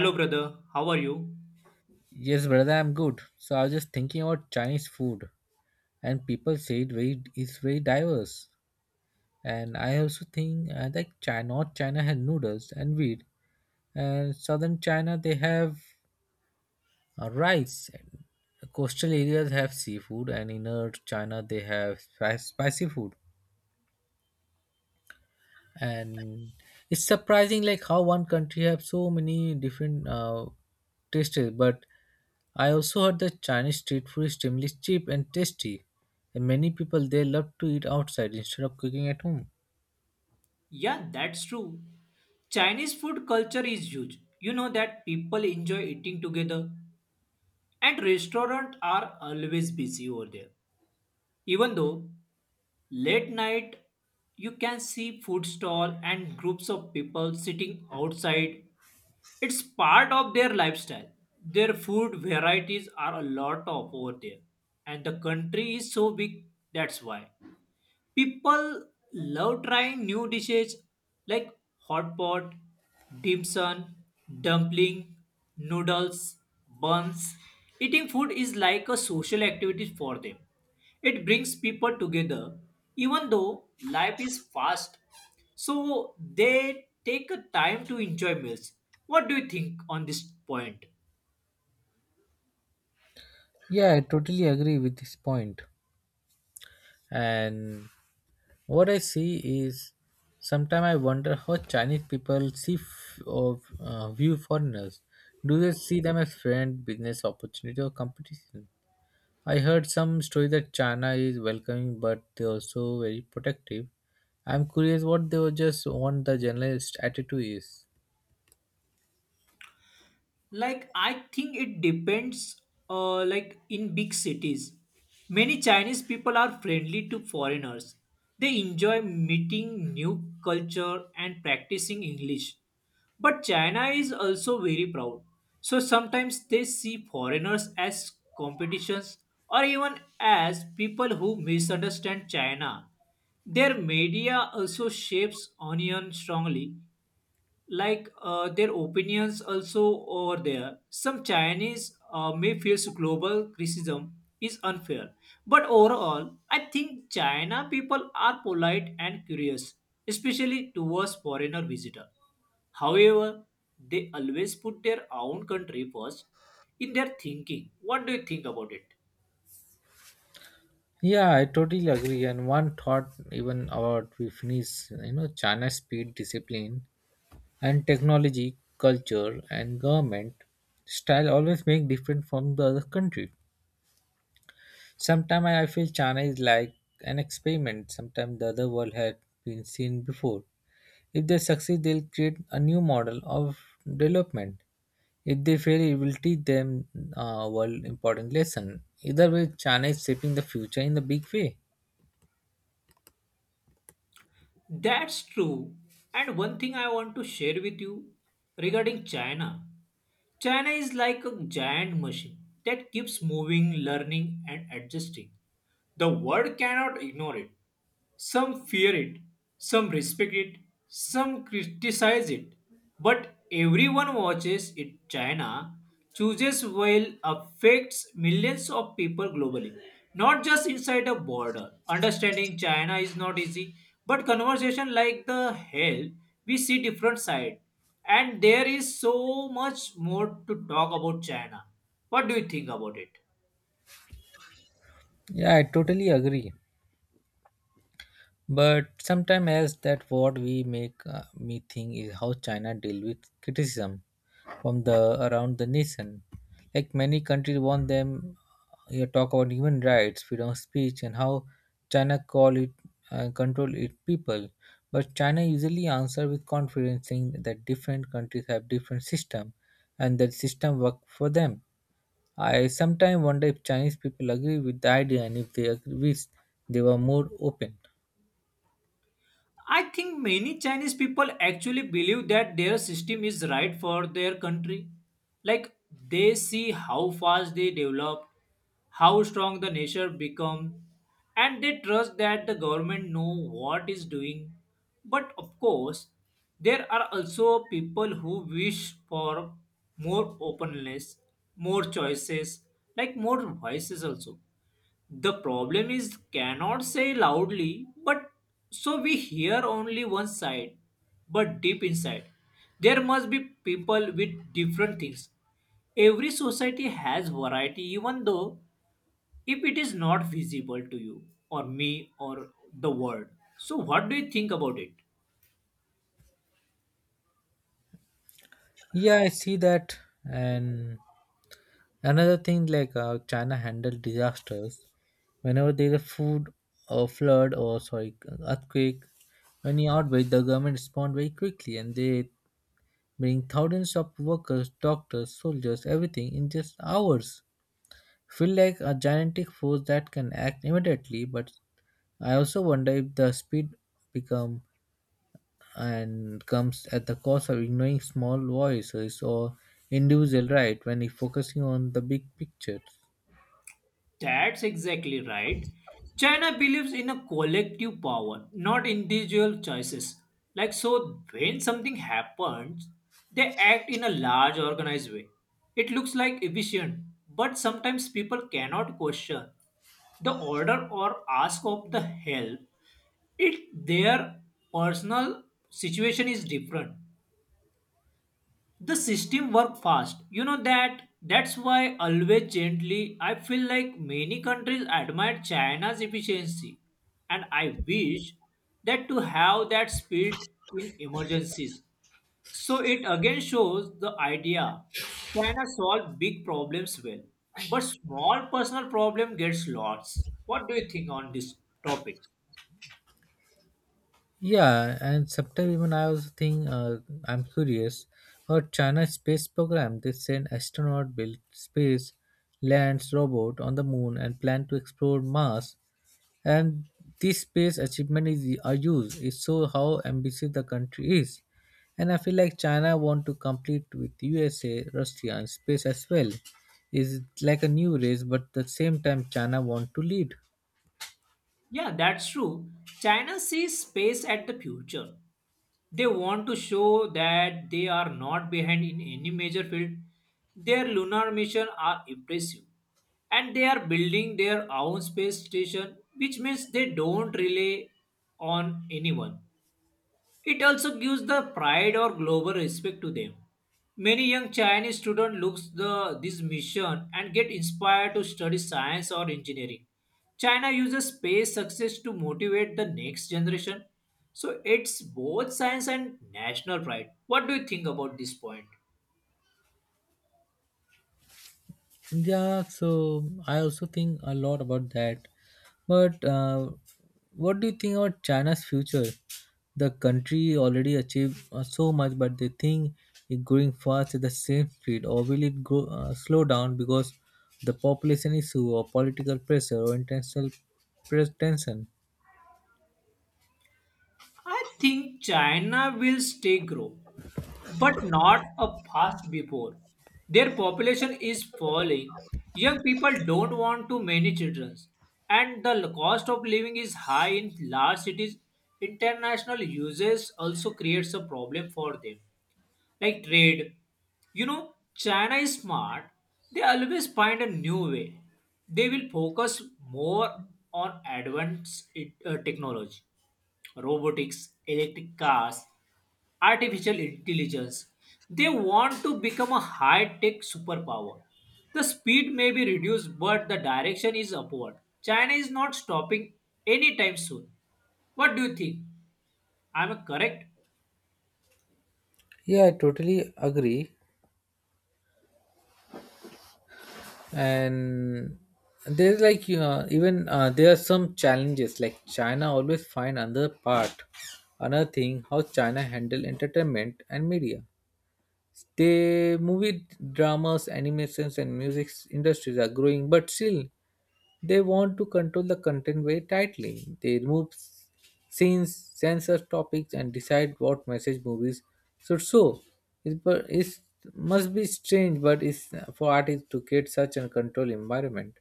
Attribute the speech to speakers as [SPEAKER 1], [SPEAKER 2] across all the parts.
[SPEAKER 1] Hello, brother. How are you?
[SPEAKER 2] Yes, brother, I'm good. So I was just thinking about Chinese food, and people say it very it's very diverse. And I also think like China, North China had noodles and wheat, and Southern China they have rice. And coastal areas have seafood, and inner China they have spicy food. And it's surprising like how one country have so many different tastes, but I also heard that Chinese street food is extremely cheap and tasty, and many people they love to eat outside instead of cooking at home.
[SPEAKER 1] Yeah, that's true. Chinese food culture is huge. You know that people enjoy eating together, and restaurants are always busy over there. Even though late night, you can see food stall and groups of people sitting outside. It's part of their lifestyle. Their food varieties are a lot of over there, and the country is so big. That's why. People love trying new dishes like hot pot, dim sum, dumpling, noodles, buns. Eating food is like a social activity for them. It brings people together even though life is fast. So they take a time to enjoy meals. What do you think on this point?
[SPEAKER 2] Yeah, I totally agree with this point. And what I see is sometimes I wonder how Chinese people see f- or view foreigners. Do they see them as friend, business opportunity, or competition? I heard some story that China is welcoming, but they're also very protective. I'm curious what they were just want the generalist attitude is.
[SPEAKER 1] Like I think it depends. Like in big cities, many Chinese people are friendly to foreigners. They enjoy meeting new culture and practicing English. But China is also very proud. So sometimes they see foreigners as competitions or even as people who misunderstand China. Their media also shapes Onion strongly like their opinions also over there. Some Chinese may feel global criticism is unfair, but overall, I think China people are polite and curious, especially towards foreigner visitor. However, they always put their own country first in their thinking. What do you think about it?
[SPEAKER 2] Yeah, I totally agree. And one thought, even about we finish, you know, China's speed, discipline, and technology, culture, and government style always make different from the other country. Sometimes I feel China is like an experiment. Sometimes the other world had been seen before. If they succeed, they'll create a new model of development. If they fail, it will teach them a world important lesson. Either way, China is shaping the future in the big way.
[SPEAKER 1] That's true. And one thing I want to share with you regarding China, China is like a giant machine that keeps moving, learning, and adjusting. The world cannot ignore it. Some fear it, some respect it, some criticize it. But everyone watches it. China chooses while affects millions of people globally, not just inside a border. Understanding China is not easy, but conversation like the hell, we see different side. And there is so much more to talk about China. What do you think about it?
[SPEAKER 2] Yeah, I totally agree. But sometimes as that what we make me think is how China deal with criticism from the around the nation. Like many countries want them you talk about human rights, freedom of speech and how China call it control its people. But China usually answer with confidence saying that different countries have different system and that system work for them. I sometimes wonder if Chinese people agree with the idea and if they agree with they were more open.
[SPEAKER 1] I think many Chinese people actually believe that their system is right for their country. Like they see how fast they develop, how strong the nation become, and they trust that the government know what is doing. But of course, there are also people who wish for more openness, more choices, like more voices also. The problem is cannot say loudly, but so we hear only one side. But deep inside, there must be people with different things. Every society has variety, even though if it is not visible to you or me or the world. So, what do you think about it?
[SPEAKER 2] Yeah, I see that. And another thing, like how China handled disasters. Whenever there's a food or flood or sorry earthquake, any outbreak, the government respond very quickly and they bring thousands of workers, doctors, soldiers, everything in just hours. Feel like a gigantic force that can act immediately, but I also wonder if the speed become and comes at the cost of ignoring small voices or individual right when you're focusing on the big picture.
[SPEAKER 1] That's exactly right. China believes in a collective power, not individual choices. Like, so when something happens, they act in a large organized way. It looks like efficient, but sometimes people cannot question the order or ask of the help. It their personal situation is different, the system work fast. You know that, that's why always gently I feel like many countries admire China's efficiency, and I wish that to have that speed in emergencies. So it again shows the idea, China solve big problems well, but small personal problem gets lost. What do you think on this topic?
[SPEAKER 2] Yeah, and sometimes even I also think I'm curious about China's space program. They send astronaut built space, lands robot on the moon, and plan to explore Mars and this space achievement is are used it shows how ambitious the country is and I feel like China want to compete with USA, Russia and space as well is like a new race, but at the same time China want to lead.
[SPEAKER 1] Yeah, that's true. China sees space at the future. They want to show that they are not behind in any major field. Their lunar missions are impressive. And they are building their own space station, which means they don't rely on anyone. It also gives the pride or global respect to them. Many young Chinese students look the this mission and get inspired to study science or engineering. China uses space success to motivate the next generation. So it's both science and national pride. What do you think about this point?
[SPEAKER 2] Yeah, so I also think a lot about that. But what do you think about China's future? The country already achieved so much, but they think it's growing fast at the same speed, or will it go slow down because the population issue, or political pressure, or international tension?
[SPEAKER 1] I think China will stay grow, but not a fast before. Their population is falling. Young people don't want too many children, and the cost of living is high in large cities. International users also creates a problem for them, like trade. You know, China is smart. They always find a new way. They will focus more on advanced technology, robotics, electric cars, artificial intelligence. They want to become a high tech superpower. The speed may be reduced, but the direction is upward. China is not stopping anytime soon. What do you think? I'm correct?
[SPEAKER 2] Yeah, I totally agree. And there's like you know even there are some challenges like China always find another part, another thing how China handle entertainment and media. The movie dramas, animations and music industries are growing but still they want to control the content very tightly. They remove scenes, censor topics, and decide what message movies should show. It must be strange, but it's for artists to create such a control environment.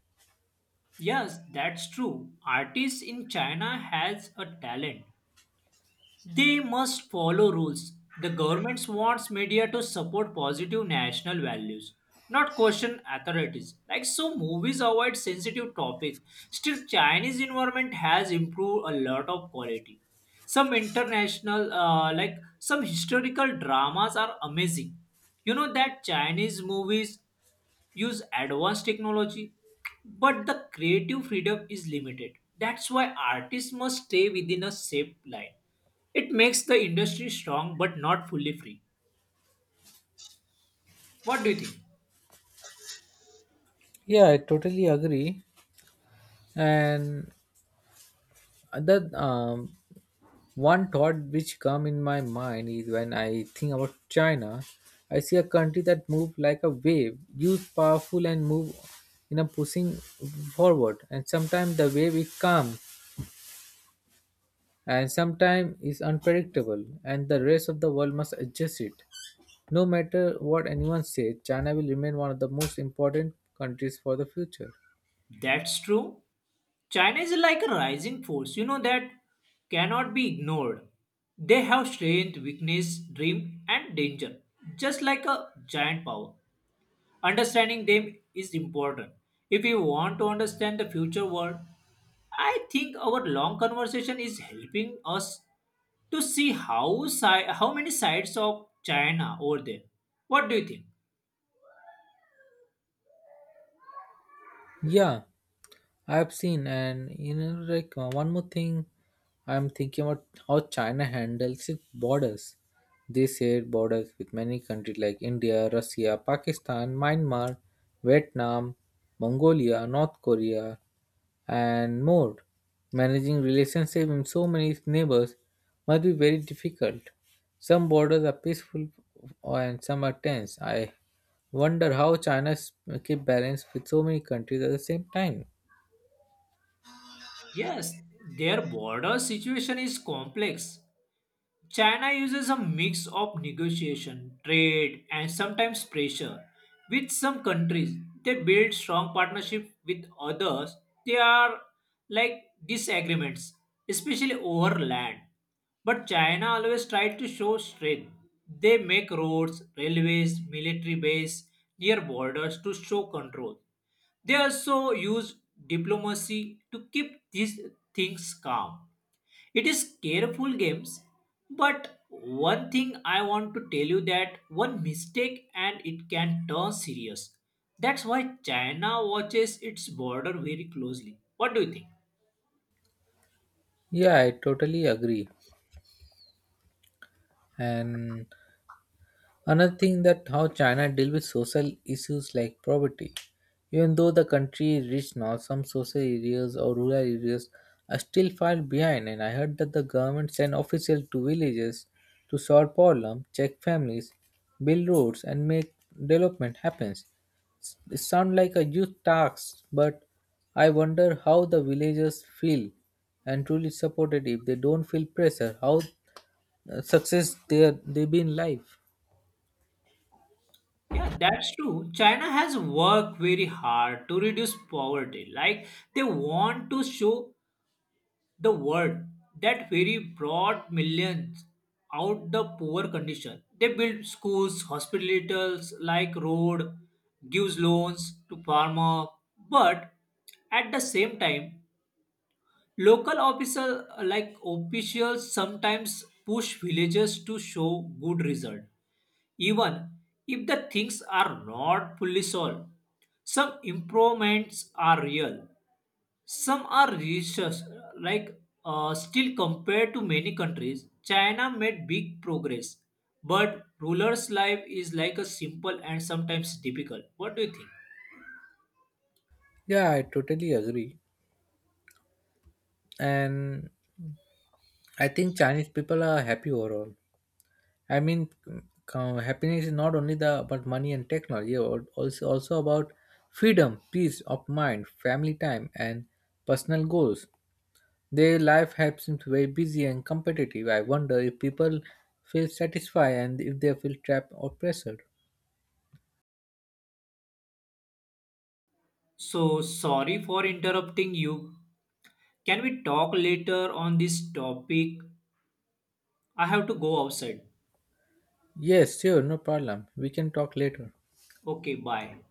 [SPEAKER 1] Yes, that's true. Artists in China has a talent. They must follow rules. The government wants media to support positive national values, not question authorities. Like so, movies avoid sensitive topics. Still, Chinese environment has improved a lot of quality. Some international, like some historical dramas, are amazing. You know that Chinese movies use advanced technology, but the creative freedom is limited. That's why artists must stay within a safe line. It makes the industry strong but not fully free. What do you think?
[SPEAKER 2] Yeah, I totally agree. And the one thought which come in my mind is when I think about China, I see a country that move like a wave, youth powerful and move in a pushing forward. And sometimes the wave is calm and sometimes is unpredictable and the rest of the world must adjust it. No matter what anyone says, China will remain one of the most important countries for the future.
[SPEAKER 1] That's true. China is like a rising force, you know, that cannot be ignored. They have strength, weakness, dream, and danger, just like a giant power. Understanding them is important. If we want to understand the future world, I think our long conversation is helping us to see how many sides of China over there. What do you think?
[SPEAKER 2] Yeah, I've seen, and you know, like one more thing, I'm thinking about how China handles its borders. They shared borders with many countries like India, Russia, Pakistan, Myanmar, Vietnam, Mongolia, North Korea, and more. Managing relationship in so many neighbors must be very difficult. Some borders are peaceful and some are tense. I wonder how China keeps balance with so many countries at the same time.
[SPEAKER 1] Yes, their border situation is complex. China uses a mix of negotiation, trade, and sometimes pressure. With some countries, they build strong partnership. With others, they are like disagreements, especially over land. But China always tried to show strength. They make roads, railways, military base near borders to show control. They also use diplomacy to keep these things calm. It is careful games, but one thing I want to tell you that one mistake and it can turn serious. That's why China watches its border very closely. What do you think?
[SPEAKER 2] Yeah, I totally agree. And another thing that how China deal with social issues like poverty. Even though the country is rich now, some social areas or rural areas are still far behind. And I heard that the government send officials to villages to solve problems, check families, build roads, and make development happens. It sounds like a huge task, but I wonder how the villagers feel and truly supported if they don't feel pressure. How success they be in life.
[SPEAKER 1] Yeah, that's true. China has worked very hard to reduce poverty. Like they want to show the word that very brought millions out the poor condition. They built schools, hospitals, like road, gives loans to farmer, but at the same time local official, like officials, sometimes push villagers to show good result even if the things are not fully solved. Some improvements are real, some are religious, like still compared to many countries, China made big progress, but ruler's life is like a simple and sometimes difficult. What do you think?
[SPEAKER 2] Yeah, I totally agree, and I think Chinese people are happy overall. I mean, happiness is not only the about money and technology, also about freedom, peace of mind, family time, and personal goals. Their life has seems very busy and competitive. I wonder if people feel satisfied and if they feel trapped or pressured.
[SPEAKER 1] So sorry for interrupting you. Can we talk later on this topic? I have to go outside.
[SPEAKER 2] Yes, sure, no problem. We can talk later.
[SPEAKER 1] Okay, bye.